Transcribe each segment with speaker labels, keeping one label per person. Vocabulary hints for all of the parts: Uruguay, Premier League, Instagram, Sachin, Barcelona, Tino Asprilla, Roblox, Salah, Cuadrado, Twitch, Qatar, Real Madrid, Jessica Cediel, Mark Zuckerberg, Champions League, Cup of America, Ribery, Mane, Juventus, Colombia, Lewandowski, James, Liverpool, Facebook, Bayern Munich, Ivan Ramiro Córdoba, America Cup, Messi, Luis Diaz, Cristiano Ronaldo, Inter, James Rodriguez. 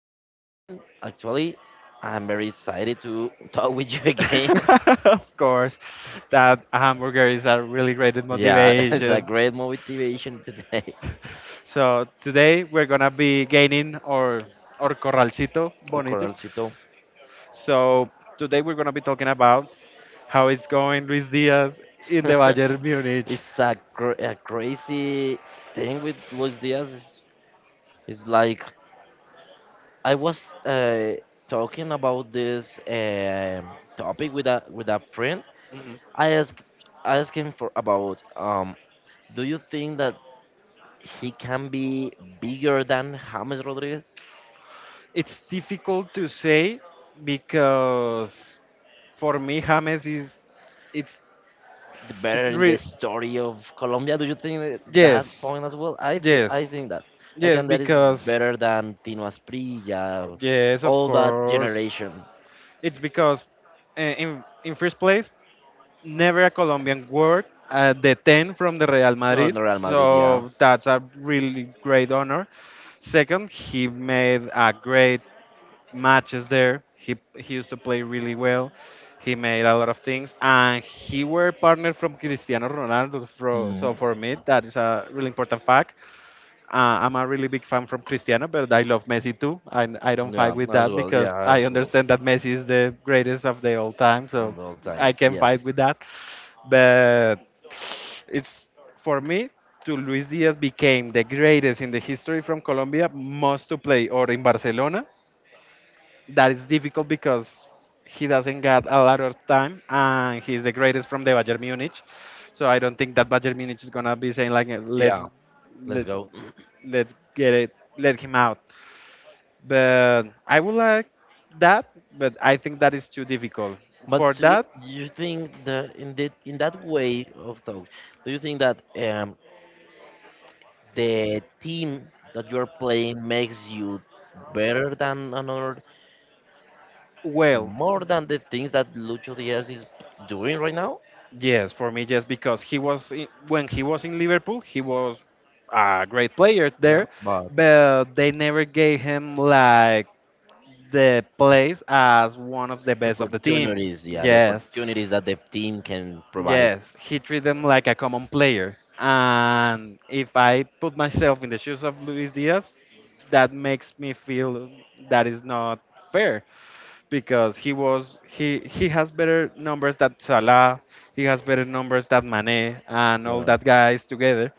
Speaker 1: I'm fine, actually. I'm very excited to talk with you again.
Speaker 2: Of course, that hamburger is a really great
Speaker 1: Yeah, it's a
Speaker 2: motivation.
Speaker 1: great motivation today.
Speaker 2: So today we're gonna be gaining our corralcito
Speaker 1: Or
Speaker 2: bonito.
Speaker 1: Coralcito.
Speaker 2: So today we're gonna be talking about how it's going, Luis Diaz in the Bayern Munich.
Speaker 1: It's a, a crazy thing with Luis Diaz. It's like I was talking about this topic with a friend. I asked I asked him for about Do you think that he can be bigger than James Rodriguez,
Speaker 2: It's difficult to say because for me, James is it's
Speaker 1: the better
Speaker 2: it's
Speaker 1: in the
Speaker 2: re-
Speaker 1: story of Colombia? Do you think that that
Speaker 2: yes,
Speaker 1: point as well? I
Speaker 2: yes,
Speaker 1: think that. I
Speaker 2: yes
Speaker 1: think that is
Speaker 2: because
Speaker 1: better than Tino Asprilla,
Speaker 2: yes, of
Speaker 1: all that
Speaker 2: course.
Speaker 1: generation.
Speaker 2: It's because in first place, never a Colombian word the 10 from the Real
Speaker 1: Oh,
Speaker 2: Madrid,
Speaker 1: the Real Madrid, yeah.
Speaker 2: so that's a really great honor. Second, he made a great matches there. He used to play really well. He made a lot of things, and he were partner from Cristiano Ronaldo. Fro
Speaker 1: Mm.
Speaker 2: so for me, that is a really important fact. I'm a really big fan from Cristiano, but I love Messi too. I don't fight
Speaker 1: Yeah,
Speaker 2: with
Speaker 1: as
Speaker 2: that
Speaker 1: well.
Speaker 2: because
Speaker 1: Yeah,
Speaker 2: I
Speaker 1: as well.
Speaker 2: understand that Messi is the greatest of the all time.
Speaker 1: On
Speaker 2: So
Speaker 1: both
Speaker 2: I
Speaker 1: times.
Speaker 2: can fight
Speaker 1: Yes.
Speaker 2: with that. But it's for me to Luis Diaz became the greatest in the history from Colombia, must to play or in Barcelona that is difficult because he doesn't get a lot of time and he's the greatest from the Bayern Munich. So I don't think that Bayern Munich is gonna be saying like
Speaker 1: Yeah.
Speaker 2: let's
Speaker 1: Let's
Speaker 2: let
Speaker 1: go.
Speaker 2: let's get it let him out. But I would like that, but I think that is too difficult. For
Speaker 1: But
Speaker 2: that,
Speaker 1: you think that in that, in that way of talk, do you think that the team that you're playing makes you better than another,
Speaker 2: well,
Speaker 1: more than the things that Lucho Diaz is doing right now?
Speaker 2: yes, for me yes because he was in, when he was in Liverpool, he was a great player
Speaker 1: Yeah,
Speaker 2: there,
Speaker 1: but
Speaker 2: but they never gave him like the place as one of the
Speaker 1: the
Speaker 2: best of the team.
Speaker 1: opportunities, yeah, the
Speaker 2: Yes,
Speaker 1: opportunities that the team can provide.
Speaker 2: yes, he treated them like a common player. And if I put myself in the shoes of Luis Diaz, that makes me feel that is not fair because he was he has better numbers than Salah, he has better numbers than Mane and all
Speaker 1: Yeah.
Speaker 2: that guys together.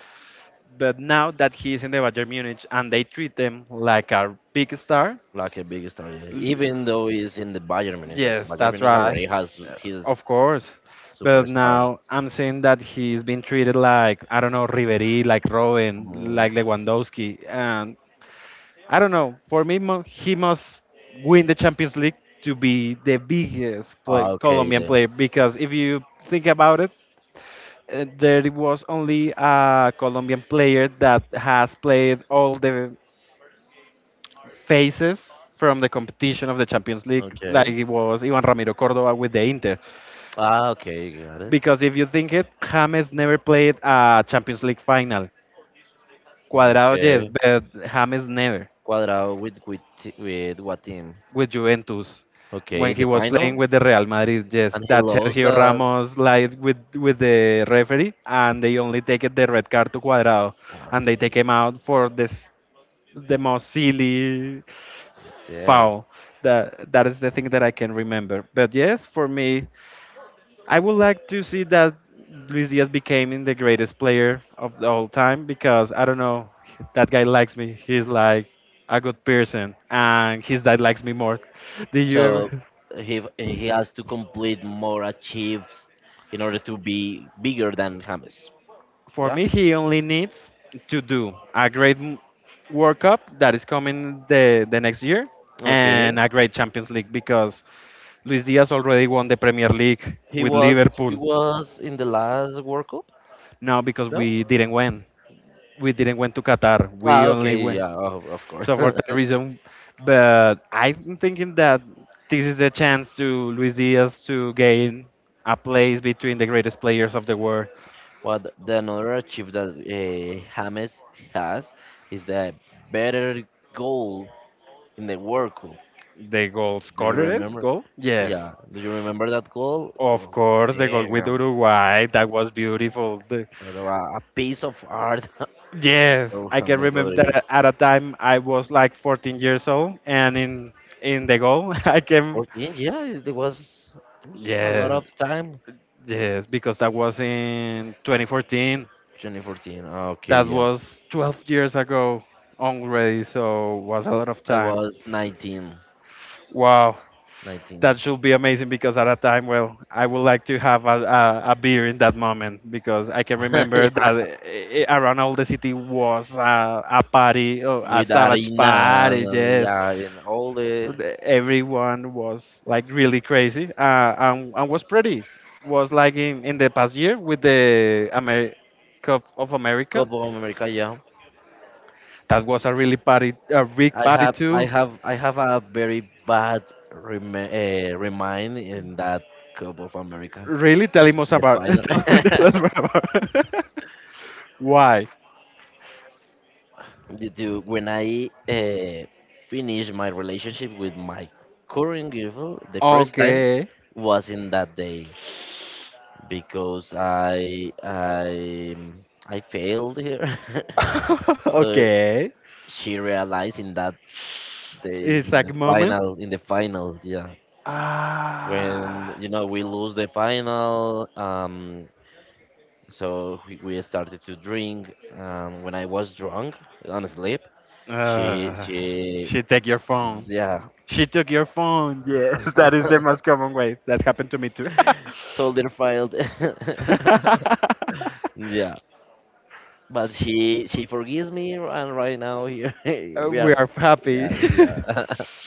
Speaker 2: But now that he is in the Bayern Munich and they treat them like a big star,
Speaker 1: Like a big star, yeah. Even though he's in the Bayern Munich, like
Speaker 2: yes,
Speaker 1: Bayern
Speaker 2: that's
Speaker 1: Munich
Speaker 2: right.
Speaker 1: already has
Speaker 2: Uh,
Speaker 1: his
Speaker 2: of course. But
Speaker 1: superstars.
Speaker 2: now I'm saying that he's been treated like, I don't know, Ribery, like Robin,
Speaker 1: Mm.
Speaker 2: like Lewandowski. And I don't know. For me, mo- he must win the Champions League to be the biggest play,
Speaker 1: Ah, okay
Speaker 2: Colombian
Speaker 1: then.
Speaker 2: player. Because if you think about it, there was only a Colombian player that has played all the phases from the competition of the Champions League, like
Speaker 1: Okay.
Speaker 2: it was Ivan Ramiro Córdoba with the Inter.
Speaker 1: Ah, okay, got it.
Speaker 2: Because if you think it, James never played a Champions League final. Cuadrado, yes,
Speaker 1: Okay.
Speaker 2: but James never
Speaker 1: Cuadrado with with what team?
Speaker 2: with Juventus.
Speaker 1: Okay,
Speaker 2: When he
Speaker 1: the
Speaker 2: was playing
Speaker 1: final,
Speaker 2: with the Real Madrid, yes,
Speaker 1: and he
Speaker 2: that
Speaker 1: lost
Speaker 2: Sergio
Speaker 1: the.
Speaker 2: Ramos lied with the referee and they only take it the red card to Cuadrado
Speaker 1: Ah,
Speaker 2: and they take him out for this the most silly
Speaker 1: damn.
Speaker 2: foul. That that is the thing that I can remember. But yes, for me, I would like to see that Luis Diaz became the greatest player of the all time because I don't know, that guy likes me. He's like a good person, and his dad likes me more. Did you
Speaker 1: So
Speaker 2: ever?
Speaker 1: he has to complete more achieves in order to be bigger than James.
Speaker 2: For
Speaker 1: Yeah.
Speaker 2: me, he only needs to do a great m- World Cup that is coming the next year
Speaker 1: Okay.
Speaker 2: and a great Champions League because Luis Diaz already won the Premier League
Speaker 1: He
Speaker 2: with
Speaker 1: was he
Speaker 2: Liverpool.
Speaker 1: was in the last World Cup,
Speaker 2: Now because
Speaker 1: no?
Speaker 2: we didn't win, we didn't went to Qatar.
Speaker 1: Ah,
Speaker 2: We only
Speaker 1: okay,
Speaker 2: went.
Speaker 1: yeah, of course.
Speaker 2: So for that reason, but I'm thinking that this is the chance to Luis Diaz to gain a place between the greatest players of the world.
Speaker 1: What the another achievement that James has is the better goal in the World Cup.
Speaker 2: The goal
Speaker 1: Do you
Speaker 2: scorer is
Speaker 1: remember?
Speaker 2: goal. Yes,
Speaker 1: Yeah, do you remember that goal?
Speaker 2: of
Speaker 1: Oh,
Speaker 2: course, the goal with
Speaker 1: damn,
Speaker 2: Uruguay that was beautiful. The-
Speaker 1: that was a piece of art.
Speaker 2: yes,
Speaker 1: Oh,
Speaker 2: I can
Speaker 1: James
Speaker 2: remember
Speaker 1: Rodriguez.
Speaker 2: that at a time I was like 14 years old, and in the goal I can.
Speaker 1: 14, yeah, it it was a lot
Speaker 2: Yes,
Speaker 1: of time.
Speaker 2: yes, because that was in 2014.
Speaker 1: 2014, okay,
Speaker 2: That
Speaker 1: yeah.
Speaker 2: was 12 years ago already, so was a lot of
Speaker 1: I
Speaker 2: time.
Speaker 1: was 19,
Speaker 2: Wow,
Speaker 1: 19.
Speaker 2: that should be amazing because at a time, well, I would like to have a beer in that moment because I can remember
Speaker 1: Yeah,
Speaker 2: that eh, eh, around all the city was a party, oh, a
Speaker 1: with
Speaker 2: savage
Speaker 1: harina and
Speaker 2: party, yes.
Speaker 1: yeah, and all the
Speaker 2: The- Everyone was like really crazy and was pretty. Was like in the past year with the Amer- Cup of America.
Speaker 1: Cup of America. Yeah,
Speaker 2: That was a really party, a big
Speaker 1: I
Speaker 2: party
Speaker 1: have, I
Speaker 2: too.
Speaker 1: have, I have a very bad remind in that Cup of America,
Speaker 2: Really? Tell him us
Speaker 1: the
Speaker 2: about.
Speaker 1: final.
Speaker 2: Tell, tell us more about. Why?
Speaker 1: Due to when I finished my relationship with my current girlfriend, the first time
Speaker 2: Okay.
Speaker 1: was in that day because I I failed here. So
Speaker 2: okay.
Speaker 1: she realized in that. They
Speaker 2: Exact moment.
Speaker 1: in the final, yeah.
Speaker 2: Ah.
Speaker 1: When you know we lose the final, so we started to drink. When I was drunk on sleep, she
Speaker 2: Uh,
Speaker 1: she
Speaker 2: she take your phone.
Speaker 1: yeah,
Speaker 2: She took your phone. Yes, that is the most common way. That happened to me too.
Speaker 1: soldier filed. Yeah, but she forgives me, and right now here we
Speaker 2: We
Speaker 1: are.
Speaker 2: are happy.
Speaker 1: Yeah, yeah.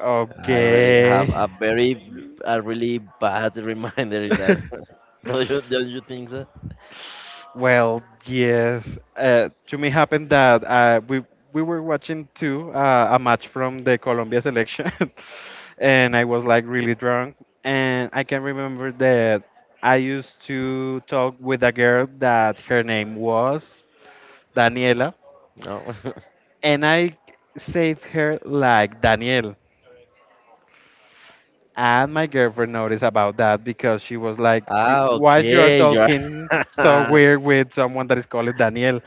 Speaker 1: I really have
Speaker 2: okay.
Speaker 1: a very a really bad reminder in that. Don't you think so?
Speaker 2: Well, yes. To me happened that we were watching too a match from the Colombia selection, and I was like really drunk, and I can remember that I used to talk with a girl that her name was Daniela,
Speaker 1: No.
Speaker 2: and I saved her like Danielle. And my girlfriend noticed about that because she was like, you,
Speaker 1: Ah,
Speaker 2: "Why you are
Speaker 1: okay. You
Speaker 2: talking so
Speaker 1: are.
Speaker 2: weird with someone that is called Daniel?"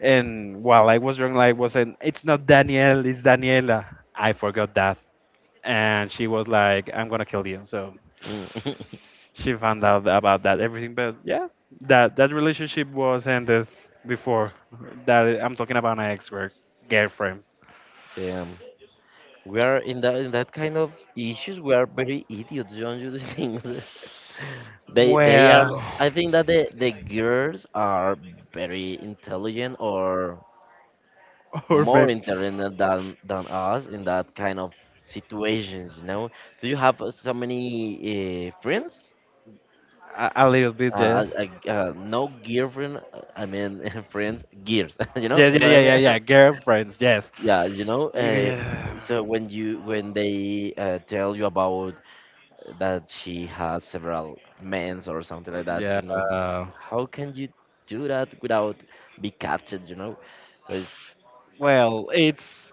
Speaker 2: And while I was drunk, like was saying, "It's not Danielle, it's Daniela." I forgot that, and she was like, "I'm gonna kill you." So
Speaker 1: Mm.
Speaker 2: she found out about that everything. But yeah, that that relationship was ended before that. I'm talking about my ex girlfriend.
Speaker 1: Damn. We are in that kind of issues. We are very idiots, don't you think? They are.
Speaker 2: Well,
Speaker 1: I think that the girls are very intelligent or
Speaker 2: or
Speaker 1: more
Speaker 2: maybe
Speaker 1: intelligent than us in that kind of situations. You know? Do you have so many friends?
Speaker 2: a little bit, yes.
Speaker 1: No girlfriend. I mean, friends, gears. You know
Speaker 2: Yes, yeah,
Speaker 1: what I
Speaker 2: yeah,
Speaker 1: mean?
Speaker 2: yeah, yeah. Girlfriends, yes.
Speaker 1: Yeah, you know,
Speaker 2: Yeah.
Speaker 1: so when you when they tell you about that she has several men's or something like that,
Speaker 2: Yeah.
Speaker 1: you know, how can you do that without be captured, you know? So it's
Speaker 2: Well, it's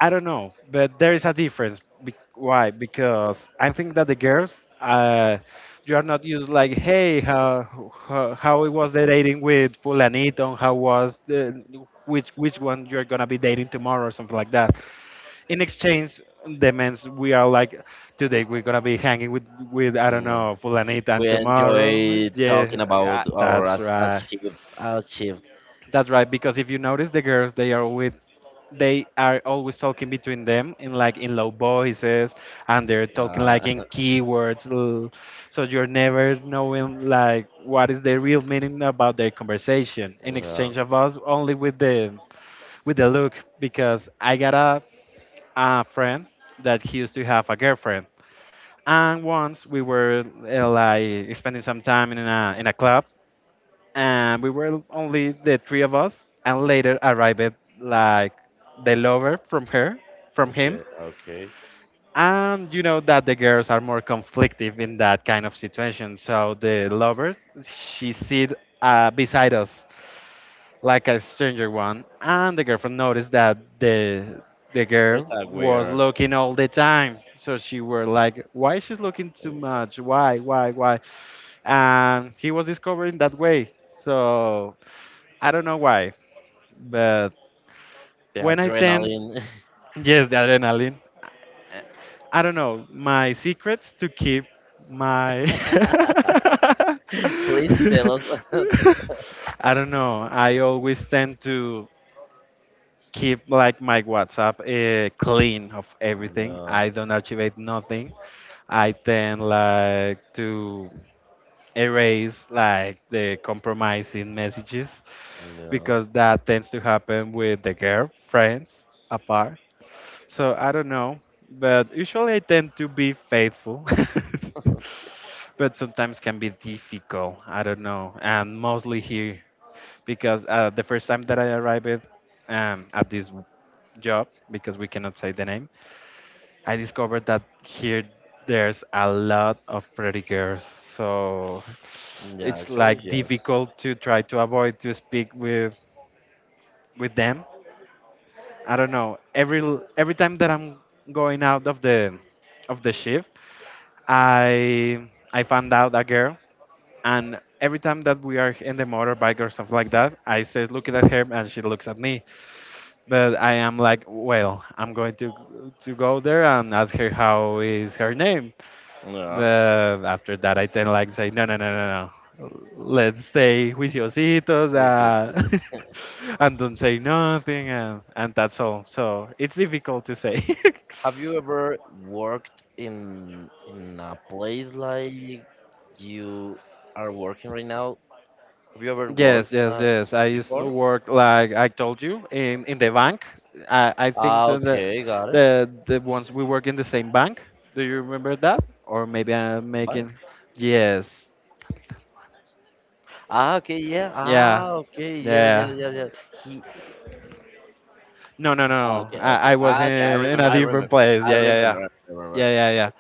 Speaker 2: I don't know, but there is a difference. Be- why? Because I think that the girls, you are not used like, hey, how it was the dating with Fulanito, how was the, which one you're gonna be dating tomorrow or something like that. In exchange, the men's we are like, today we're gonna be hanging with I don't
Speaker 1: mm,
Speaker 2: know Fulanito,
Speaker 1: we
Speaker 2: and tomorrow,
Speaker 1: enjoy talking
Speaker 2: yeah,
Speaker 1: about our
Speaker 2: that's
Speaker 1: as
Speaker 2: right.
Speaker 1: achieved.
Speaker 2: That's right, because if you notice the girls, they are with they are always talking between them in like in low voices and they're talking
Speaker 1: Uh,
Speaker 2: like in keywords l- so you're never knowing like what is the real meaning about their conversation in
Speaker 1: yeah,
Speaker 2: exchange of us only with the look because I got a friend that he used to have a girlfriend and once we were like spending some time in a club and we were only the three of us and later arrived like the lover from her from
Speaker 1: okay,
Speaker 2: him
Speaker 1: okay.
Speaker 2: and you know that the girls are more conflictive in that kind of situation so the lover she sit beside us like a stranger one and the girlfriend noticed that the
Speaker 1: There's
Speaker 2: girl
Speaker 1: a
Speaker 2: was
Speaker 1: weird
Speaker 2: looking all the time so she were like why she's looking
Speaker 1: uh,
Speaker 2: too much why and he was discovering that way so I don't know why but
Speaker 1: the
Speaker 2: when I tend,
Speaker 1: adrenaline.
Speaker 2: yes, the adrenaline. I don't know. My secrets to keep my.
Speaker 1: Please tell us how.
Speaker 2: I don't know. I always tend to keep like my WhatsApp clean of everything.
Speaker 1: Yeah,
Speaker 2: I don't archivate nothing. I tend like to erase like the compromising messages
Speaker 1: yeah,
Speaker 2: because that tends to happen with the girl friends apart. So I don't know, but usually I tend to be faithful. but sometimes can be difficult. I don't know, and mostly here because the first time that I arrived at this w- job, because we cannot say the name, I discovered that here there's a lot of pretty girls. So
Speaker 1: yeah.
Speaker 2: it's
Speaker 1: Actually,
Speaker 2: like
Speaker 1: yes.
Speaker 2: difficult to try to avoid to speak with them. I don't know. Every l- every time that I'm going out of the shift, I I found out that girl, and every time that we are in the motorbike or something like that, I say looking at her and she looks at me. But I am like, well, I'm going to go there and ask her how is her name.
Speaker 1: Yeah,
Speaker 2: But after that, I then like say, no, no, no, no, no. Let's stay juiciositos.
Speaker 1: we just.
Speaker 2: And don't say nothing and, and that's all so it's difficult to say.
Speaker 1: Have you ever worked in a place like you are working right now? Have you ever
Speaker 2: Yes,
Speaker 1: worked
Speaker 2: yes, yes. I used to
Speaker 1: before?
Speaker 2: work like I told you in the bank. I think
Speaker 1: Ah,
Speaker 2: so that
Speaker 1: okay, got it.
Speaker 2: the ones we work in the same bank. Do you remember that? Or maybe I'm
Speaker 1: The bank?
Speaker 2: making. Yes.
Speaker 1: Ah, okay, yeah. Ah,
Speaker 2: Yeah.
Speaker 1: okay, yeah,
Speaker 2: Yeah.
Speaker 1: yeah, yeah, yeah. He.
Speaker 2: No, no,
Speaker 1: Ah,
Speaker 2: no.
Speaker 1: okay,
Speaker 2: I
Speaker 1: okay.
Speaker 2: I
Speaker 1: Ah,
Speaker 2: was
Speaker 1: okay. I
Speaker 2: in
Speaker 1: remember.
Speaker 2: a
Speaker 1: I
Speaker 2: different
Speaker 1: remember.
Speaker 2: place.
Speaker 1: I
Speaker 2: Yeah, yeah, yeah.
Speaker 1: remember. I remember.
Speaker 2: Yeah, yeah, yeah.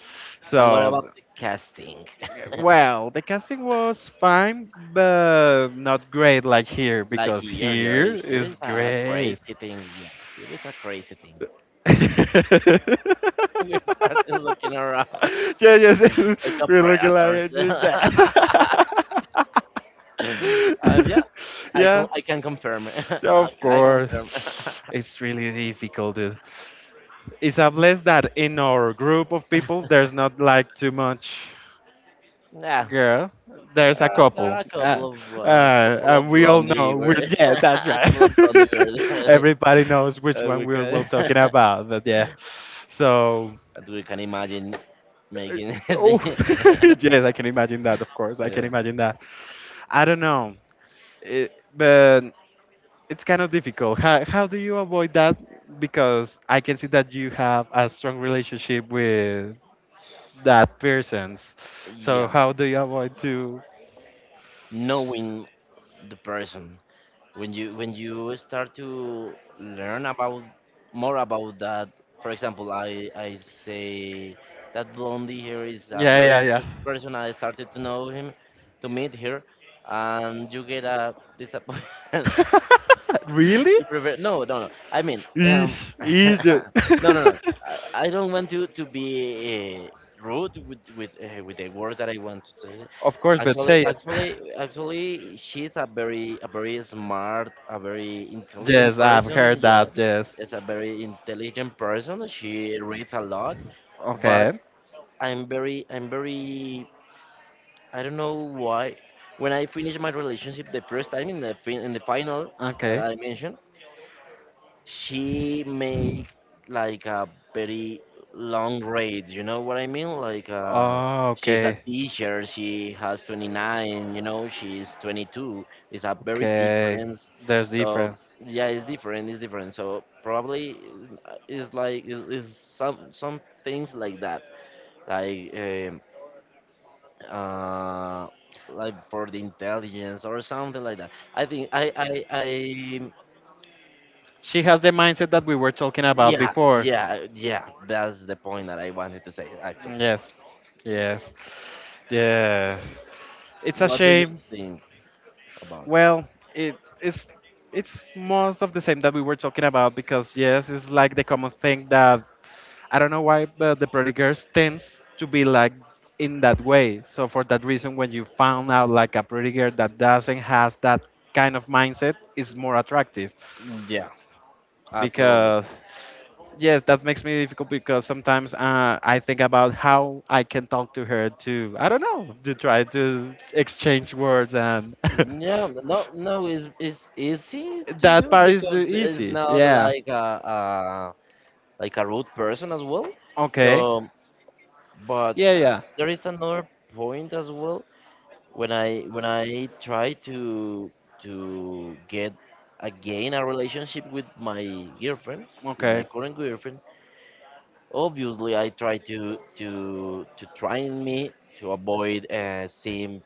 Speaker 1: And what about
Speaker 2: So,
Speaker 1: the casting?
Speaker 2: well, the casting was fine, but not great like here
Speaker 1: Like
Speaker 2: because
Speaker 1: here, here,
Speaker 2: here
Speaker 1: here
Speaker 2: is
Speaker 1: is a
Speaker 2: great.
Speaker 1: crazy thing. Yeah, here is a crazy thing.
Speaker 2: yeah,
Speaker 1: We started looking around
Speaker 2: yes,
Speaker 1: like a
Speaker 2: we're looking like
Speaker 1: predators.
Speaker 2: it. Yeah.
Speaker 1: And yeah,
Speaker 2: Yeah,
Speaker 1: I can confirm.
Speaker 2: so of
Speaker 1: Okay, I
Speaker 2: course.
Speaker 1: confirm.
Speaker 2: It's really difficult, dude. It's unless that in our group of people there's not like too much
Speaker 1: Yeah,
Speaker 2: girl. There's a
Speaker 1: there
Speaker 2: couple,
Speaker 1: are a couple
Speaker 2: and
Speaker 1: of
Speaker 2: we all
Speaker 1: blondie
Speaker 2: know. We're
Speaker 1: girls,
Speaker 2: yeah, that's
Speaker 1: a
Speaker 2: right.
Speaker 1: couple of blondie girls. Uh,
Speaker 2: Everybody knows which one
Speaker 1: we
Speaker 2: we are
Speaker 1: can
Speaker 2: well talking
Speaker 1: that
Speaker 2: about. But yeah, so
Speaker 1: we can imagine
Speaker 2: Uh,
Speaker 1: making.
Speaker 2: Oh,
Speaker 1: The-
Speaker 2: yes, I can imagine that, of course. I can
Speaker 1: yeah.
Speaker 2: imagine that. I don't know, it, but it's kind of difficult. How do you avoid that? Because I can see that you have a strong relationship with that persons. So
Speaker 1: Yeah.
Speaker 2: how do you avoid to?
Speaker 1: Knowing the person when you start to learn about more about that. For example, I say that blondie here is a yeah,
Speaker 2: Yeah,
Speaker 1: very
Speaker 2: yeah, yeah.
Speaker 1: interesting person. I started to know him, to meet her, and you get a disappointment.
Speaker 2: really?
Speaker 1: You prefer no, no, no. I mean,
Speaker 2: Ish, ish.
Speaker 1: no, no, no. I don't want to be rude with the words that I want to say.
Speaker 2: Of course, but
Speaker 1: Actually,
Speaker 2: say it.
Speaker 1: actually, actually, she's a very smart, a very intelligent
Speaker 2: Yes, I've
Speaker 1: person.
Speaker 2: heard
Speaker 1: Yeah,
Speaker 2: that. Yes.
Speaker 1: is a very intelligent person. She reads a lot, but
Speaker 2: Okay.
Speaker 1: I'm very I don't know why. When I finished my relationship the first time in the fin in the final,
Speaker 2: Okay.
Speaker 1: I mentioned she make like a very long rate, you know what I mean, like uh,
Speaker 2: Oh,
Speaker 1: she's a
Speaker 2: okay.
Speaker 1: teacher, she has 29, you know, she's 22, it's a very
Speaker 2: Okay,
Speaker 1: difference.
Speaker 2: there's
Speaker 1: So
Speaker 2: difference.
Speaker 1: yeah, it's different, it's different. So probably it's like it's some things like that, like um, uh, like for the intelligence or something like that. I think i i i
Speaker 2: She has the mindset that we were talking about
Speaker 1: Yeah,
Speaker 2: before.
Speaker 1: yeah, yeah. That's the point that I wanted to say, actually.
Speaker 2: Yes, yes, yes. It's a
Speaker 1: What do you
Speaker 2: shame.
Speaker 1: think about
Speaker 2: Well, it's it's most of the same that we were talking about because yes, it's like the common thing that I don't know why, but the pretty girls tends to be like in that way. So for that reason, when you found out like a pretty girl that doesn't has that kind of mindset, is more attractive
Speaker 1: it? Yeah, absolutely.
Speaker 2: because yes, that makes me difficult because sometimes I think about how I can talk to her to, I don't know, to try to exchange words and
Speaker 1: Yeah, no, no, it's easy to
Speaker 2: that
Speaker 1: do
Speaker 2: part is the
Speaker 1: because it's
Speaker 2: easy.
Speaker 1: not
Speaker 2: Yeah.
Speaker 1: like a like a rude person as well.
Speaker 2: Okay.
Speaker 1: So, but
Speaker 2: Yeah, yeah.
Speaker 1: there is another point as well when I try to get again a relationship with my girlfriend, with
Speaker 2: Okay.
Speaker 1: my current girlfriend. Obviously I try to train me to avoid seeing.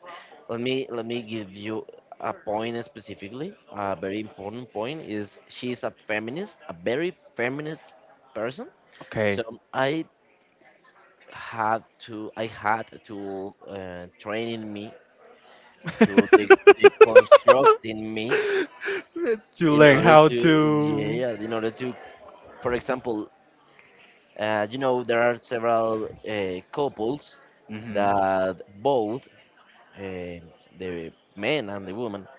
Speaker 1: Let me let me give you a point, specifically a very important point, is she's a feminist, a very feminist person.
Speaker 2: Okay.
Speaker 1: So I had to, I had to training me to deconstructing me
Speaker 2: you
Speaker 1: in
Speaker 2: learn
Speaker 1: order
Speaker 2: how
Speaker 1: to
Speaker 2: to.
Speaker 1: yeah in order to for example uh, you know, there are several couples
Speaker 2: Hmm.
Speaker 1: that both uh, the men and the woman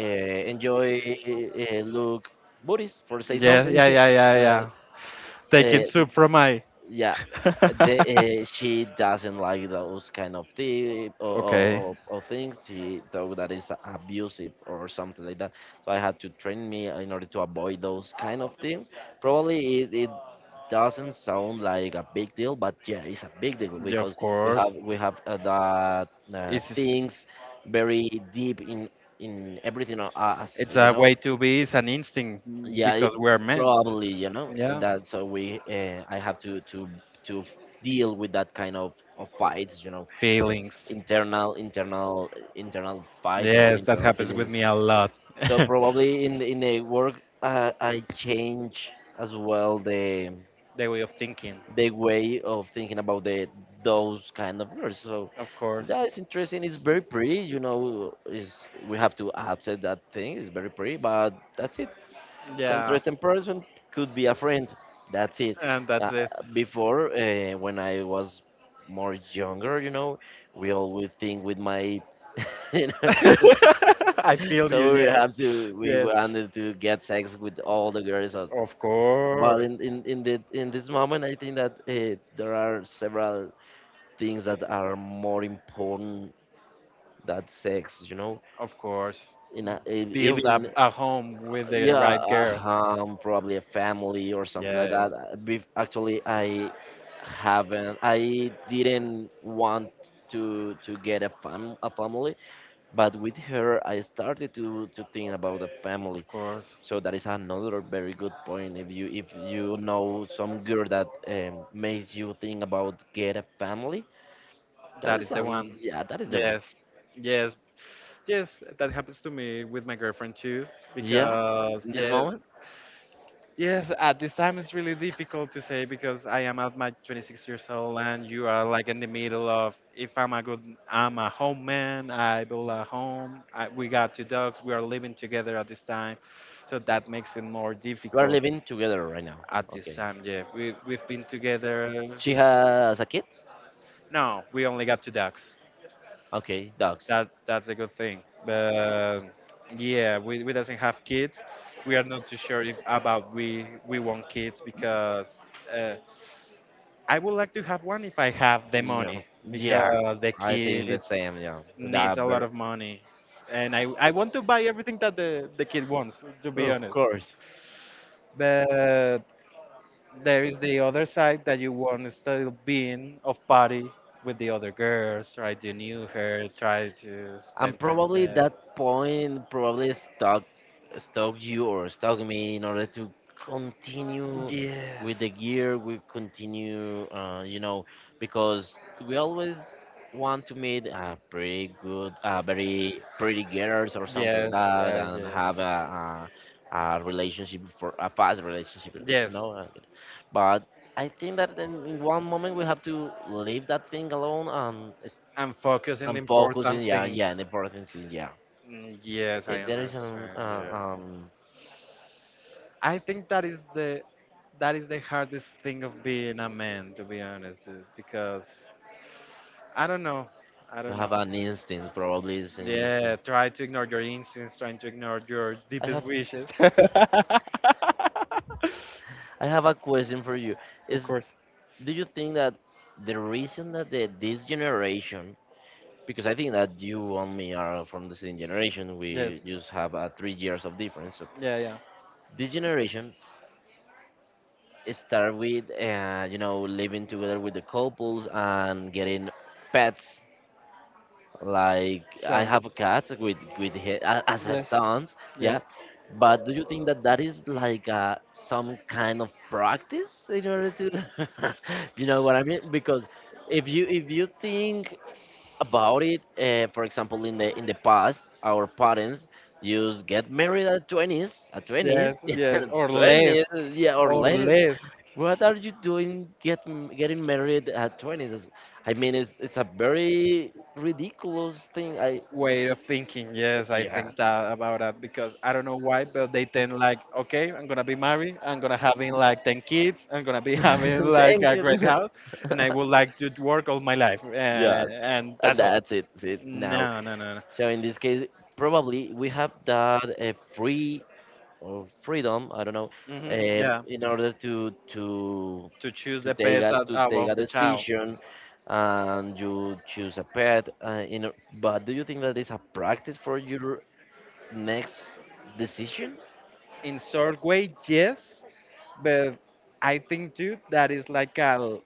Speaker 1: enjoy look booties, for say
Speaker 2: Yeah,
Speaker 1: something.
Speaker 2: yeah, yeah, yeah, yeah.
Speaker 1: uh, uh,
Speaker 2: Taking soup from my.
Speaker 1: yeah, the, she doesn't like those kind of
Speaker 2: okay.
Speaker 1: or things she thought that is abusive or something like that. So I had to train me in order to avoid those kind of things. Probably it, it doesn't sound like a big deal, but yeah, it's a big deal
Speaker 2: Yeah,
Speaker 1: because
Speaker 2: of course.
Speaker 1: we have that
Speaker 2: It's
Speaker 1: things very deep in everything of us,
Speaker 2: it's
Speaker 1: you
Speaker 2: a
Speaker 1: know.
Speaker 2: way to be. It's an instinct
Speaker 1: Yeah,
Speaker 2: because we're men.
Speaker 1: probably, you know, and
Speaker 2: Yeah,
Speaker 1: that so we I have to deal with that kind of fights, you know,
Speaker 2: feelings.
Speaker 1: internal internal fights or
Speaker 2: Yes, that
Speaker 1: internal
Speaker 2: happens with
Speaker 1: feelings.
Speaker 2: me a lot.
Speaker 1: So probably in in the work I change as well
Speaker 2: the way of thinking,
Speaker 1: the way of thinking about the those kind of words. So
Speaker 2: of course.
Speaker 1: that is interesting. It's very pretty, you know. Is we have to accept that thing. It's very pretty, but that's it. It's an
Speaker 2: Yeah,
Speaker 1: interesting person, could be a friend. That's it.
Speaker 2: and that's
Speaker 1: Uh,
Speaker 2: it.
Speaker 1: before, when I was more younger, you know, we always think with my, you know,
Speaker 2: I feel you.
Speaker 1: so we
Speaker 2: Yes,
Speaker 1: have to we
Speaker 2: yes.
Speaker 1: wanted to get sex with all the girls. Uh,
Speaker 2: Of
Speaker 1: but
Speaker 2: course,
Speaker 1: in, the, in this moment, I think that there are several things that are more important than sex. You know,
Speaker 2: of course.
Speaker 1: in a,
Speaker 2: Build up
Speaker 1: even
Speaker 2: a home with the
Speaker 1: yeah,
Speaker 2: right girl.
Speaker 1: probably a family or something like that.
Speaker 2: Yes,
Speaker 1: Actually, I haven't. I didn't want to get a fam a family, but with her, I started to think about a family.
Speaker 2: of course.
Speaker 1: So that is another very good point. If you know some girl that makes you think about get a family, that
Speaker 2: That
Speaker 1: is
Speaker 2: is the one.
Speaker 1: yeah, that is the one.
Speaker 2: Yes, yes, yes. That happens to me with my girlfriend too.
Speaker 1: Yeah,
Speaker 2: Because
Speaker 1: in this
Speaker 2: yes,
Speaker 1: moment,
Speaker 2: Yes, at this time it's really difficult to say because I am at my 26 years old and you are like in the middle of if I'm a good I'm a home man, I build a home, I, we got two dogs, we are living together at this time. So that makes it more
Speaker 1: you are
Speaker 2: difficult
Speaker 1: living together right now.
Speaker 2: at this
Speaker 1: Okay,
Speaker 2: time. Yeah, we've been together.
Speaker 1: she has a kid.
Speaker 2: No, we only got two dogs.
Speaker 1: Okay, dogs.
Speaker 2: That that's a good thing. But yeah, we doesn't have kids. We are not too sure if about we want kids because uh, I would like to have one if I have the
Speaker 1: You know,
Speaker 2: money
Speaker 1: yeah,
Speaker 2: because the
Speaker 1: I think the
Speaker 2: kids
Speaker 1: same. Yeah, with a
Speaker 2: needs a lot
Speaker 1: bear,
Speaker 2: of money, and I want to buy everything that the kid wants. To be
Speaker 1: of
Speaker 2: honest,
Speaker 1: course.
Speaker 2: but there is the other side that you want to still being of party with the other girls. Try to knew her. Try to
Speaker 1: And
Speaker 2: spend time with
Speaker 1: probably
Speaker 2: them.
Speaker 1: that point probably stuck you or stuck me in order to continue with the
Speaker 2: Yes.
Speaker 1: gear we continue you know, because we always want to meet a pretty good very pretty girls or something like
Speaker 2: Yes,
Speaker 1: that
Speaker 2: yes,
Speaker 1: and
Speaker 2: yes.
Speaker 1: have a relationship for a fast relationship, you
Speaker 2: Yes.
Speaker 1: know. But I think that in one moment we have to leave that thing alone
Speaker 2: And focus on the
Speaker 1: and focusing
Speaker 2: important
Speaker 1: yeah, yeah, the
Speaker 2: things.
Speaker 1: important thing, yeah.
Speaker 2: Mm, yes, I
Speaker 1: There is an,
Speaker 2: understand. Yeah. I think that is the hardest thing of being a man, to be honest, dude. Because I don't know, I
Speaker 1: you
Speaker 2: don't
Speaker 1: have
Speaker 2: know.
Speaker 1: an instinct, probably is an yeah,
Speaker 2: Yeah,
Speaker 1: instinct.
Speaker 2: try to ignore your instincts, trying to ignore your
Speaker 1: I
Speaker 2: deepest
Speaker 1: have,
Speaker 2: wishes.
Speaker 1: I have a question for you.
Speaker 2: Of
Speaker 1: Is
Speaker 2: course.
Speaker 1: do you think that the reason that the, this generation, because I think that you and me are from the same generation, we
Speaker 2: Yes,
Speaker 1: just have 3 years of difference. So
Speaker 2: yeah, yeah.
Speaker 1: this generation start with, living together with the couples and getting pets. Like I have a
Speaker 2: Sounds.
Speaker 1: cat with as a
Speaker 2: Yes,
Speaker 1: sons,
Speaker 2: yes,
Speaker 1: yeah. But do you think that that is like some kind of practice in order to, you know what I mean? Because if you think about it, for example, in the past, our parents used get married at 20s, at
Speaker 2: yes,
Speaker 1: 20s,
Speaker 2: yes. Or
Speaker 1: 20s,
Speaker 2: less,
Speaker 1: yeah, or
Speaker 2: or
Speaker 1: less.
Speaker 2: less.
Speaker 1: What are you doing getting married at 20s? I mean, it's a very ridiculous thing.
Speaker 2: Way of thinking. Yes, I
Speaker 1: Yeah.
Speaker 2: think that about that because I don't know why, but they tend like, okay, I'm gonna be married, I'm gonna having like 10 kids, I'm gonna be having like
Speaker 1: Thank
Speaker 2: a great
Speaker 1: you.
Speaker 2: house, and I would like to work all my life,
Speaker 1: Yeah,
Speaker 2: and
Speaker 1: and
Speaker 2: that's all.
Speaker 1: that's it. That's it. Now,
Speaker 2: No, no, no, no.
Speaker 1: so in this case, probably we have that free or freedom, I don't know,
Speaker 2: Hmm. Yeah,
Speaker 1: in order to to
Speaker 2: to choose
Speaker 1: to
Speaker 2: the
Speaker 1: take
Speaker 2: best
Speaker 1: a
Speaker 2: out,
Speaker 1: to
Speaker 2: out
Speaker 1: take
Speaker 2: of
Speaker 1: a
Speaker 2: the child.
Speaker 1: decision, and you choose a pet. But do you think that is a practice for your next decision?
Speaker 2: In sort way, yes, but I think too that is like a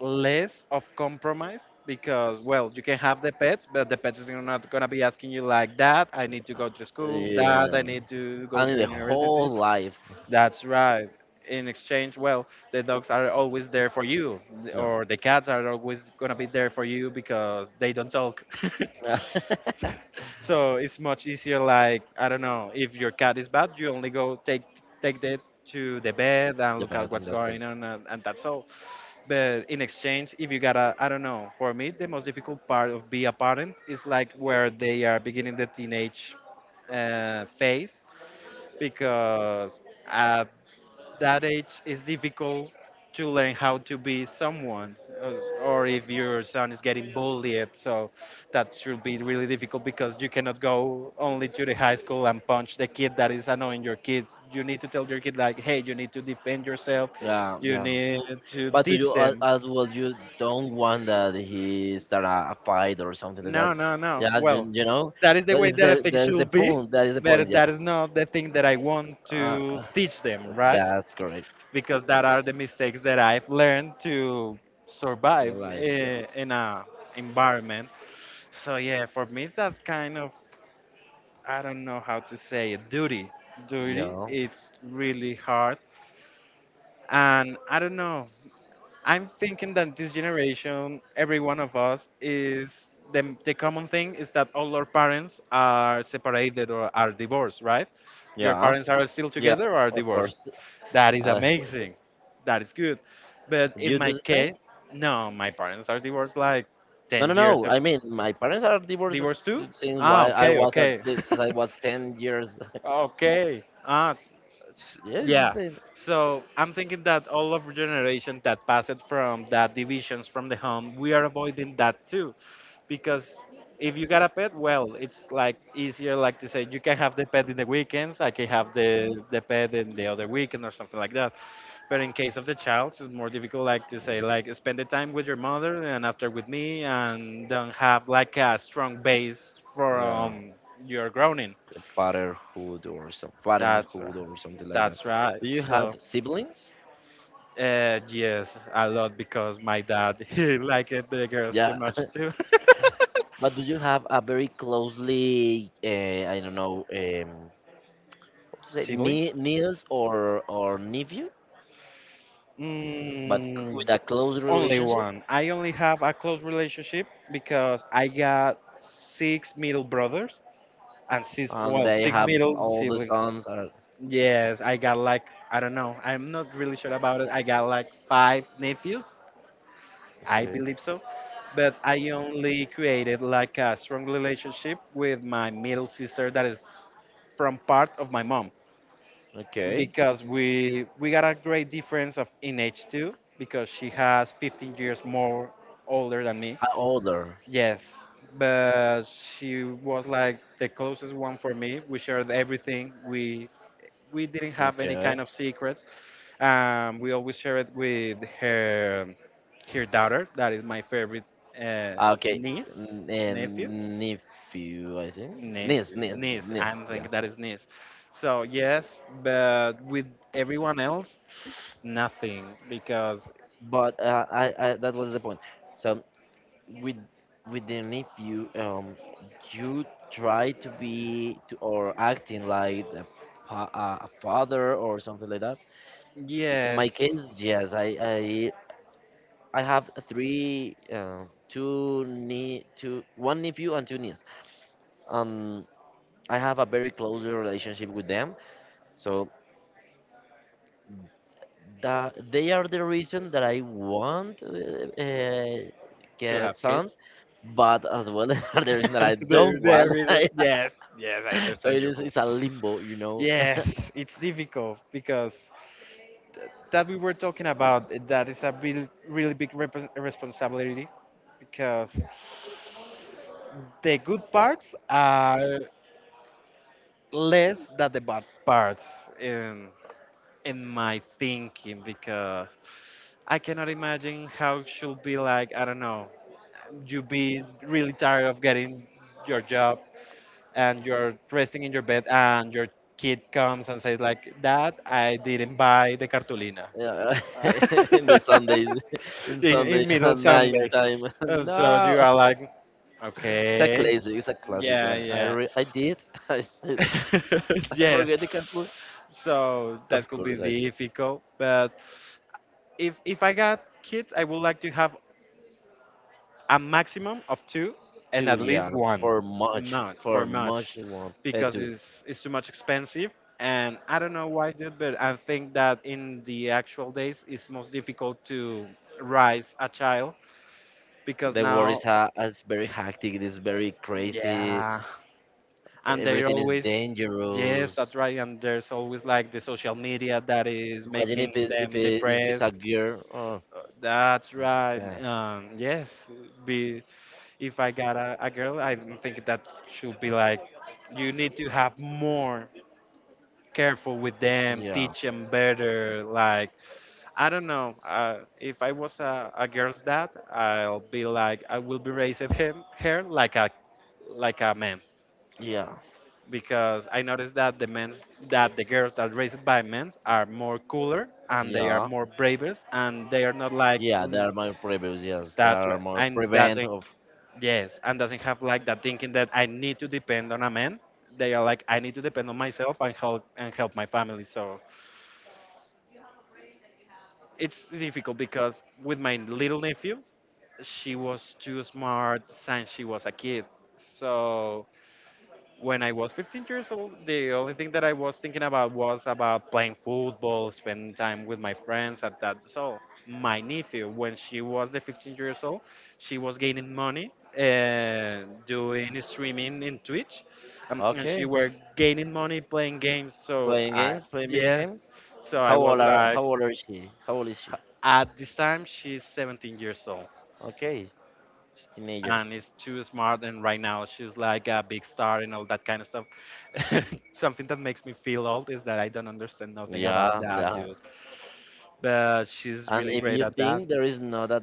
Speaker 2: less of compromise because well you can have the pets but the pets is not going to be asking you like that I need to go to school,
Speaker 1: Yeah,
Speaker 2: Dad, I need to go
Speaker 1: and in
Speaker 2: to
Speaker 1: the
Speaker 2: university.
Speaker 1: whole life,
Speaker 2: That's right. In exchange, well, the dogs are always there for you
Speaker 1: no.
Speaker 2: or the cats are always going to be there for you because they don't talk.
Speaker 1: The
Speaker 2: So it's much easier. Like, I don't know, if your cat is bad you only go take take it to the bed and look at
Speaker 1: pet and
Speaker 2: what's
Speaker 1: that's
Speaker 2: going
Speaker 1: it.
Speaker 2: on and that's all. But in exchange, if you gotta, I don't know, for me the most difficult part of be a parent is like where they are beginning the teenage phase because at that age it's difficult to learn how to be someone, uh, or if your son is getting bullied. So that should be really difficult because you cannot go only to the high school and punch the kid that is annoying your kid. You need to tell your kid like, hey, you need to defend yourself,
Speaker 1: Yeah,
Speaker 2: you
Speaker 1: yeah.
Speaker 2: need to
Speaker 1: But do you
Speaker 2: teach them.
Speaker 1: as well? You don't want that he start a fight or something like that.
Speaker 2: No, no, no.
Speaker 1: Yeah, you,
Speaker 2: Well,
Speaker 1: you know
Speaker 2: that is the
Speaker 1: that
Speaker 2: way
Speaker 1: is
Speaker 2: that
Speaker 1: the
Speaker 2: I think
Speaker 1: that is the
Speaker 2: should be,
Speaker 1: point. That is the point.
Speaker 2: but that
Speaker 1: Yeah,
Speaker 2: is not the thing that I want
Speaker 1: uh, uh,
Speaker 2: to teach them, right?
Speaker 1: that's correct.
Speaker 2: Because that are the mistakes that I've learned to survive
Speaker 1: You're right. Yeah,
Speaker 2: in a environment. So yeah, for me that kind of I don't know how to say it, duty. Duty,
Speaker 1: yeah,
Speaker 2: it's really hard. And I don't know, I'm thinking that this generation, every one of us, is the common thing is that all our parents are separated or are divorced, right? Your
Speaker 1: yeah,
Speaker 2: parents are still
Speaker 1: yeah.
Speaker 2: together or are
Speaker 1: Of course.
Speaker 2: divorced. That is
Speaker 1: Uh,
Speaker 2: amazing. That is good. But in
Speaker 1: you do
Speaker 2: my
Speaker 1: the same?
Speaker 2: case, no, my parents are divorced like
Speaker 1: No, no,
Speaker 2: 10 years
Speaker 1: no.
Speaker 2: ago.
Speaker 1: I mean, my parents are divorced
Speaker 2: Divorced too? Ah, okay, okay.
Speaker 1: since I was 10 years.
Speaker 2: okay. Ah, S-
Speaker 1: Yes, the
Speaker 2: Yeah.
Speaker 1: same.
Speaker 2: So I'm thinking that all of our generation that passed from that divisions from the home, we are avoiding that too. Because if you got a pet, well, it's like easier like to say you can have the pet in the weekends, I can have the pet in the other weekend or something like that. But in case of the child, it's more difficult like to say like spend the time with your mother and after with me and don't have like a strong base
Speaker 1: Yeah,
Speaker 2: from your growing.
Speaker 1: a fatherhood or some
Speaker 2: That's right.
Speaker 1: fatherhood or something like that.
Speaker 2: That's right.
Speaker 1: Do you have
Speaker 2: So
Speaker 1: siblings?
Speaker 2: Yes, a lot because my dad he liked the girls
Speaker 1: Yeah.
Speaker 2: too much too.
Speaker 1: But do you have a very closely, I don't know, what to say,
Speaker 2: Sibling?
Speaker 1: niece or nephew, but with
Speaker 2: Mm,
Speaker 1: a close
Speaker 2: only
Speaker 1: relationship,
Speaker 2: one. I only have a close relationship because I got six middle brothers and six
Speaker 1: and
Speaker 2: well
Speaker 1: they
Speaker 2: six
Speaker 1: brother in the have
Speaker 2: middle
Speaker 1: all the
Speaker 2: siblings.
Speaker 1: sons are
Speaker 2: Yes, I got like I don't know. I'm not really sure about it. I got like five nephews. I
Speaker 1: okay.
Speaker 2: believe so. But I only created like a strong relationship with my middle sister that is from part of my mom
Speaker 1: Okay.
Speaker 2: because we got a great difference of in age too because she has 15 years more older than me.
Speaker 1: Older.
Speaker 2: Yes, but she was like the closest one for me. We shared everything. We didn't have any
Speaker 1: Okay.
Speaker 2: kind of secrets, we always share it with her, her daughter. That is my favorite uh,
Speaker 1: Ah, okay.
Speaker 2: niece, nephew,
Speaker 1: And nephew, I think. Niece, niece,
Speaker 2: niece. I
Speaker 1: niece. Yeah.
Speaker 2: think that is niece. So yes, but with everyone else, nothing because
Speaker 1: But that was the point. So with with the nephew, you try to be or acting like pa- a father or something like that. In my
Speaker 2: yes,
Speaker 1: case, yes, I have three, two nie two one nephew and two nieces. Um. I have a very close relationship with them. So that they are the reason that I want
Speaker 2: to
Speaker 1: get
Speaker 2: have
Speaker 1: sons,
Speaker 2: kids.
Speaker 1: but as well, they are the reason that I
Speaker 2: there,
Speaker 1: don't want.
Speaker 2: yes, yes,
Speaker 1: So it's a limbo.
Speaker 2: yes. It's difficult because that we were talking about, that is a really, really big responsibility because the good parts are less than the bad parts in in my thinking because I cannot imagine how it should be. Like I don't know, you be really tired of getting your job and you're resting in your bed and your kid comes and says like, dad, I didn't buy the cartulina.
Speaker 1: Yeah, in the Sundays, in
Speaker 2: in,
Speaker 1: Sunday
Speaker 2: in middle
Speaker 1: at nine
Speaker 2: Sunday.
Speaker 1: time.
Speaker 2: And so you
Speaker 1: No,
Speaker 2: are like,
Speaker 1: it's a
Speaker 2: okay,
Speaker 1: classic. It's a classic.
Speaker 2: yeah, yeah,
Speaker 1: I did. I did. I
Speaker 2: yes.
Speaker 1: forget the cartoon.
Speaker 2: So that
Speaker 1: Of
Speaker 2: could be
Speaker 1: course I did.
Speaker 2: difficult. But if I got kids, I would like to have a maximum of two and
Speaker 1: Too.
Speaker 2: at least
Speaker 1: Yeah,
Speaker 2: one,
Speaker 1: for much,
Speaker 2: not for
Speaker 1: for
Speaker 2: much,
Speaker 1: much one.
Speaker 2: because
Speaker 1: Too.
Speaker 2: it's too much expensive. And I don't know why, dude, but I think that in the actual days, it's most difficult to raise a child because
Speaker 1: The world is,
Speaker 2: now
Speaker 1: is very hectic. It is very crazy.
Speaker 2: Yeah, and they're
Speaker 1: Everything is
Speaker 2: always, yes,
Speaker 1: dangerous.
Speaker 2: that's right. And there's always like the social media that is
Speaker 1: Imagine
Speaker 2: making them
Speaker 1: if it's a
Speaker 2: depressed.
Speaker 1: girl. Oh,
Speaker 2: That's right.
Speaker 1: yeah,
Speaker 2: Yes, be if I got a girl, I don't think that should be like you need to have more careful with them,
Speaker 1: yeah,
Speaker 2: teach them better. Like I don't know, if I was a girl's dad, I'll be like I will be raising him her like a man
Speaker 1: yeah,
Speaker 2: because I noticed that the men's that the girls that raised by men's are more cooler and they are
Speaker 1: yeah,
Speaker 2: more bravest and they are not like
Speaker 1: yeah.
Speaker 2: "Mm,
Speaker 1: There are more previews. Yes, there
Speaker 2: that's
Speaker 1: are
Speaker 2: right
Speaker 1: more
Speaker 2: and
Speaker 1: prevent
Speaker 2: doesn't
Speaker 1: of.
Speaker 2: yes and doesn't have like that thinking that I need to depend on a man. They are like I need to depend on myself and help my family. So it's difficult because with my little nephew, she was too smart since she was a kid. So when I was 15 years old, the only thing that I was thinking about was about playing football, spending time with my friends at that. So my nephew, when she was the 15 years old, she was gaining money and doing streaming in Twitch, and she
Speaker 1: Okay,
Speaker 2: were gaining money playing games. So
Speaker 1: playing
Speaker 2: I
Speaker 1: games, playing video
Speaker 2: yeah,
Speaker 1: games.
Speaker 2: so I was like,
Speaker 1: How old is she? How old is she?
Speaker 2: at this time she's 17 years old.
Speaker 1: Okay, she's teenager.
Speaker 2: And is too smart and right now she's like a big star and all that kind of stuff. Something that makes me feel old is that I don't understand nothing about
Speaker 1: Yeah,
Speaker 2: that,
Speaker 1: yeah.
Speaker 2: dude. But she's
Speaker 1: And
Speaker 2: really
Speaker 1: if
Speaker 2: great
Speaker 1: you
Speaker 2: at that.
Speaker 1: think there is not a,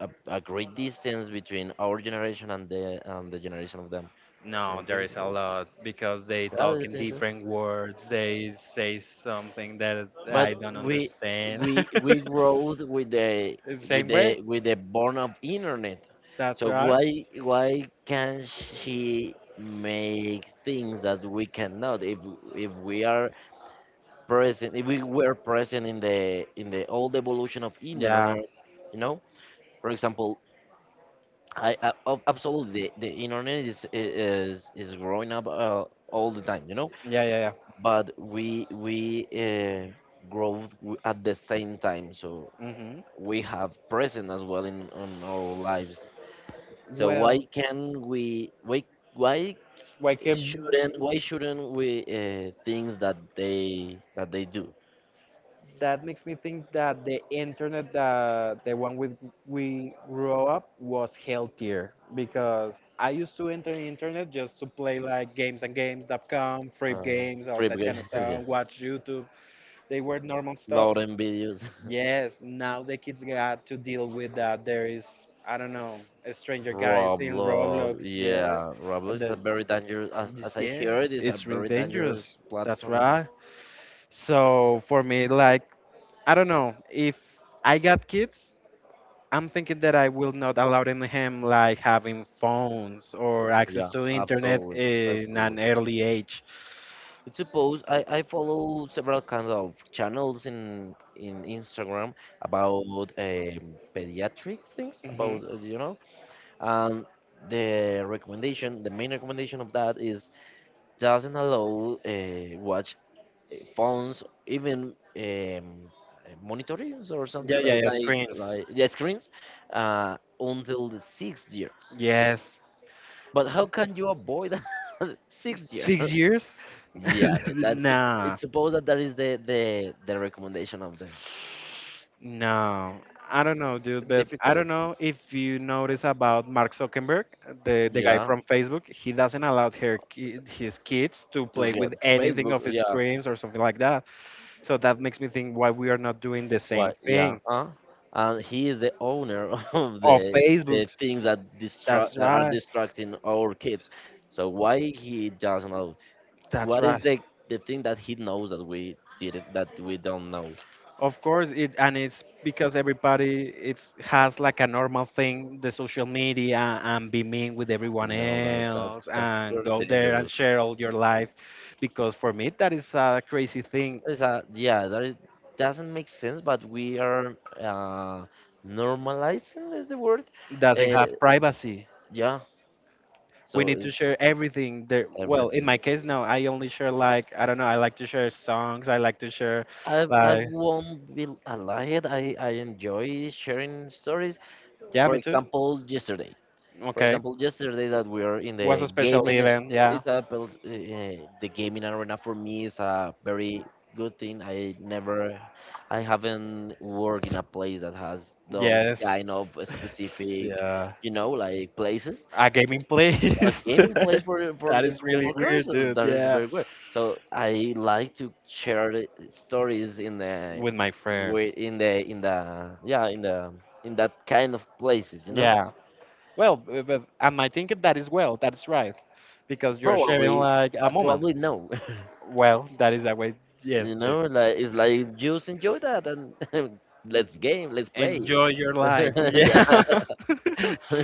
Speaker 1: a, a great distance between our generation and the generation of them.
Speaker 2: No,
Speaker 1: Don't
Speaker 2: there is a
Speaker 1: you
Speaker 2: lot because they
Speaker 1: Yeah,
Speaker 2: talk
Speaker 1: I
Speaker 2: in
Speaker 1: think so.
Speaker 2: different words, they say something that
Speaker 1: But
Speaker 2: I don't
Speaker 1: we
Speaker 2: understand.
Speaker 1: we we growed with the
Speaker 2: The
Speaker 1: with
Speaker 2: same way.
Speaker 1: the with the born of internet.
Speaker 2: That's
Speaker 1: So
Speaker 2: right.
Speaker 1: why can she make things that we cannot, if if we are present if we were present in the old evolution of
Speaker 2: Yeah,
Speaker 1: internet you know for example. I, absolutely, the internet is growing up, all the time,
Speaker 2: yeah. Yeah,
Speaker 1: but we grow at the same time. So
Speaker 2: yeah. Hmm.
Speaker 1: we have present as well in on our lives. So
Speaker 2: Well,
Speaker 1: why
Speaker 2: why can you?
Speaker 1: why shouldn't we, things that they do.
Speaker 2: That makes me think that the internet, that the one with we grew up was healthier because I used to enter the internet just to play like games and games.com, free
Speaker 1: Uh,
Speaker 2: games, all
Speaker 1: Free
Speaker 2: that
Speaker 1: game.
Speaker 2: kind of
Speaker 1: Yeah.
Speaker 2: stuff, watch YouTube. They were normal stuff.
Speaker 1: Loading videos.
Speaker 2: Yes, now the kids got to deal with that. There is, I don't know, a stranger guys in
Speaker 1: Roblox.
Speaker 2: Roblox, yeah.
Speaker 1: Yeah, Roblox is
Speaker 2: The,
Speaker 1: a very dangerous. As,
Speaker 2: yes,
Speaker 1: as I hear
Speaker 2: yes,
Speaker 1: it, is a
Speaker 2: it's really
Speaker 1: very
Speaker 2: dangerous.
Speaker 1: dangerous
Speaker 2: That's
Speaker 1: platform.
Speaker 2: right. So for me, like I don't know. If I got kids, I'm thinking that I will not allow them him like having phones or access
Speaker 1: Yeah,
Speaker 2: to internet
Speaker 1: absolutely,
Speaker 2: in an
Speaker 1: absolutely.
Speaker 2: early age.
Speaker 1: It's supposed I follow several kinds of channels in Instagram about pediatric things
Speaker 2: Hmm.
Speaker 1: about and the recommendation, the main recommendation of that is, doesn't allow watch phones, even monitorings or
Speaker 2: Yeah,
Speaker 1: something
Speaker 2: yeah, yeah. Screens.
Speaker 1: like, yeah, screens, until the sixth year.
Speaker 2: Yes.
Speaker 1: But how can you avoid sixth year?
Speaker 2: 6 years?
Speaker 1: Yeah, that's
Speaker 2: Nah,
Speaker 1: it's supposed that that is the recommendation of the.
Speaker 2: no. I don't know, dude.
Speaker 1: It's
Speaker 2: But I
Speaker 1: difficult,
Speaker 2: don't know if you notice about Mark Zuckerberg, the guy
Speaker 1: yeah,
Speaker 2: from Facebook. He doesn't allow her ki- his kids to
Speaker 1: to
Speaker 2: play
Speaker 1: get
Speaker 2: with anything
Speaker 1: Facebook,
Speaker 2: of his
Speaker 1: yeah.
Speaker 2: screens or something like. So that makes me think why we are not doing the same
Speaker 1: What? Yeah.
Speaker 2: thing.
Speaker 1: And he is the owner of the
Speaker 2: Or
Speaker 1: the
Speaker 2: Facebooks.
Speaker 1: things that distract,
Speaker 2: That's
Speaker 1: that are
Speaker 2: right.
Speaker 1: distracting our kids. So why he doesn't know?
Speaker 2: That's
Speaker 1: What is
Speaker 2: right.
Speaker 1: the thing that he knows, that we don't know?
Speaker 2: Of course, it and it's because everybody it's has like a normal thing, the social media and be mean with everyone
Speaker 1: No, that
Speaker 2: else
Speaker 1: that's
Speaker 2: and
Speaker 1: very
Speaker 2: go there and
Speaker 1: dangerous.
Speaker 2: share all your life. Because for me that is a crazy thing.
Speaker 1: Is that, yeah? That is, doesn't make sense, but we are normalizing is the word.
Speaker 2: Doesn't have
Speaker 1: Uh,
Speaker 2: privacy.
Speaker 1: yeah.
Speaker 2: We
Speaker 1: So
Speaker 2: need to
Speaker 1: it's
Speaker 2: share everything. There well, in
Speaker 1: everything.
Speaker 2: my case no, I only share like I don't know, I like to share songs, I like to share
Speaker 1: I
Speaker 2: like
Speaker 1: won't be a lie. I enjoy sharing stories. Yeah.
Speaker 2: yeah,
Speaker 1: For
Speaker 2: me too.
Speaker 1: example, yesterday. For
Speaker 2: Okay.
Speaker 1: example, yesterday that we are in the
Speaker 2: Was a special
Speaker 1: gaming.
Speaker 2: event. Yeah.
Speaker 1: It's a the gaming arena for me is a very good thing. I haven't worked in a place that has, yeah, those
Speaker 2: Yes.
Speaker 1: kind of specific,
Speaker 2: Yeah.
Speaker 1: like places,
Speaker 2: A gaming
Speaker 1: a
Speaker 2: place.
Speaker 1: gaming place for
Speaker 2: That
Speaker 1: the
Speaker 2: is really
Speaker 1: coworkers.
Speaker 2: weird,
Speaker 1: So
Speaker 2: dude.
Speaker 1: that is
Speaker 2: Yeah.
Speaker 1: very good. So I like to share the stories in
Speaker 2: With my friends.
Speaker 1: in the yeah in the in that kind of places.
Speaker 2: Yeah. Well, b- but am I thinking that is well? That is right. Because you're sharing
Speaker 1: Probably,
Speaker 2: like a
Speaker 1: but
Speaker 2: moment.
Speaker 1: probably no.
Speaker 2: Well, that is a way, yes, too.
Speaker 1: Like it's like, just enjoy that and let's game, let's play.
Speaker 2: Enjoy your life.
Speaker 1: Yeah,
Speaker 2: Yeah.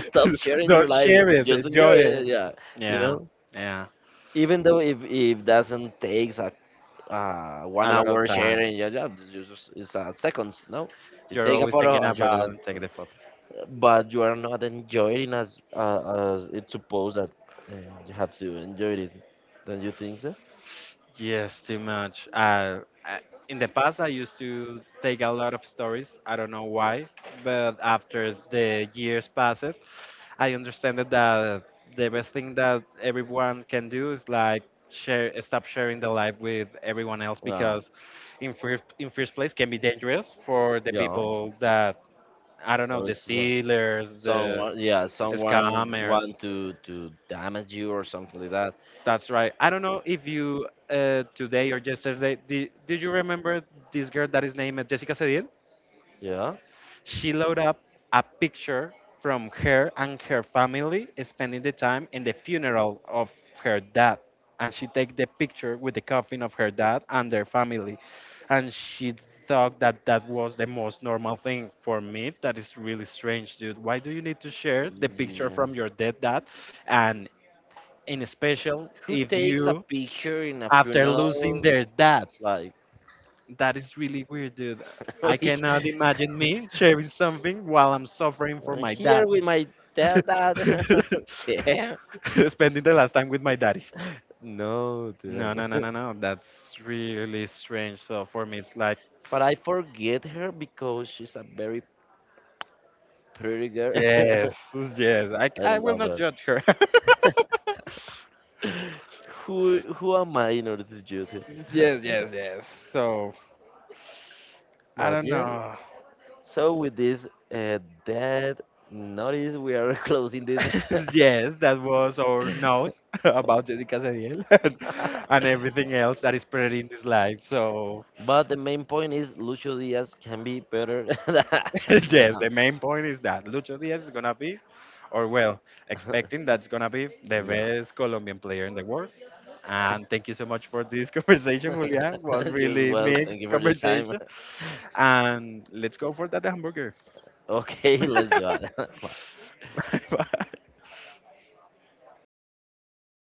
Speaker 1: stop sharing your
Speaker 2: Don't
Speaker 1: life.
Speaker 2: share it.
Speaker 1: Just enjoy
Speaker 2: Enjoy
Speaker 1: it.
Speaker 2: it.
Speaker 1: Yeah, you
Speaker 2: Yeah.
Speaker 1: know
Speaker 2: Yeah.
Speaker 1: even though if doesn't takes a one
Speaker 2: A lot of
Speaker 1: hour
Speaker 2: time.
Speaker 1: sharing. Yeah, yeah, it's just it's, seconds. No, you
Speaker 2: You're
Speaker 1: take a
Speaker 2: always
Speaker 1: photo
Speaker 2: thinking
Speaker 1: and share it,
Speaker 2: about and take the photo.
Speaker 1: but you are not enjoying as it's supposed that uh, you have to enjoy it. Don't you think so?
Speaker 2: Yes, too much. In the past, I used to take a lot of stories. I don't know why, but after the years passed, I understand that the best thing that everyone can do is like share, stop sharing the life with everyone else
Speaker 1: Wow.
Speaker 2: because, in first place, can be dangerous for the
Speaker 1: Yeah.
Speaker 2: people that I don't know,
Speaker 1: There
Speaker 2: the
Speaker 1: is
Speaker 2: stealers, the
Speaker 1: someone, yeah, someone
Speaker 2: scammers.
Speaker 1: want to damage you or something like that.
Speaker 2: That's right. I don't know if you today or yesterday did you remember this girl that is named Jessica Cedil?
Speaker 1: Yeah.
Speaker 2: She loaded up a picture from her and her family spending the time in the funeral of her dad, and she take the picture with the coffin of her dad and their family, and she thought that that was the most normal thing for me. That is really strange, dude. Why do you need to share the picture
Speaker 1: Yeah.
Speaker 2: from your dead dad, and in special
Speaker 1: Who
Speaker 2: if
Speaker 1: takes a
Speaker 2: you
Speaker 1: picture in a
Speaker 2: after losing
Speaker 1: funeral?
Speaker 2: their dad.
Speaker 1: Like,
Speaker 2: That is really weird, dude. I
Speaker 1: we-
Speaker 2: cannot imagine me sharing something while I'm suffering for
Speaker 1: I'm
Speaker 2: my dad.
Speaker 1: here with my dad. Damn.
Speaker 2: Spending the last time with my daddy.
Speaker 1: No,
Speaker 2: No,
Speaker 1: damn.
Speaker 2: no, no, no, no. That's really strange. So for me, it's like,
Speaker 1: But I forget her because she's a very pretty girl.
Speaker 2: yes, yes. I,
Speaker 1: I
Speaker 2: I will
Speaker 1: love
Speaker 2: not
Speaker 1: her.
Speaker 2: judge her.
Speaker 1: Who am I in order to judge her?
Speaker 2: Yes, yes, yes. So I
Speaker 1: But
Speaker 2: don't
Speaker 1: yeah,
Speaker 2: know.
Speaker 1: so with this uh, dead notice, we are closing this.
Speaker 2: Yes, that was our note about Jessica Cediel and everything else that is pretty in this life. So,
Speaker 1: But the main point is Lucio Diaz can be better than
Speaker 2: yes,
Speaker 1: him.
Speaker 2: the main point is that Lucho Diaz is going to be, or well, expecting that's going to be the
Speaker 1: Yeah,
Speaker 2: best Colombian player in the world. And thank you so much for this conversation, Julian. Was
Speaker 1: just
Speaker 2: really
Speaker 1: well. Thank you
Speaker 2: mixed
Speaker 1: for your time.
Speaker 2: conversation. And let's go for that hamburger.
Speaker 1: Okay, let's do it. Bye.
Speaker 2: Bye.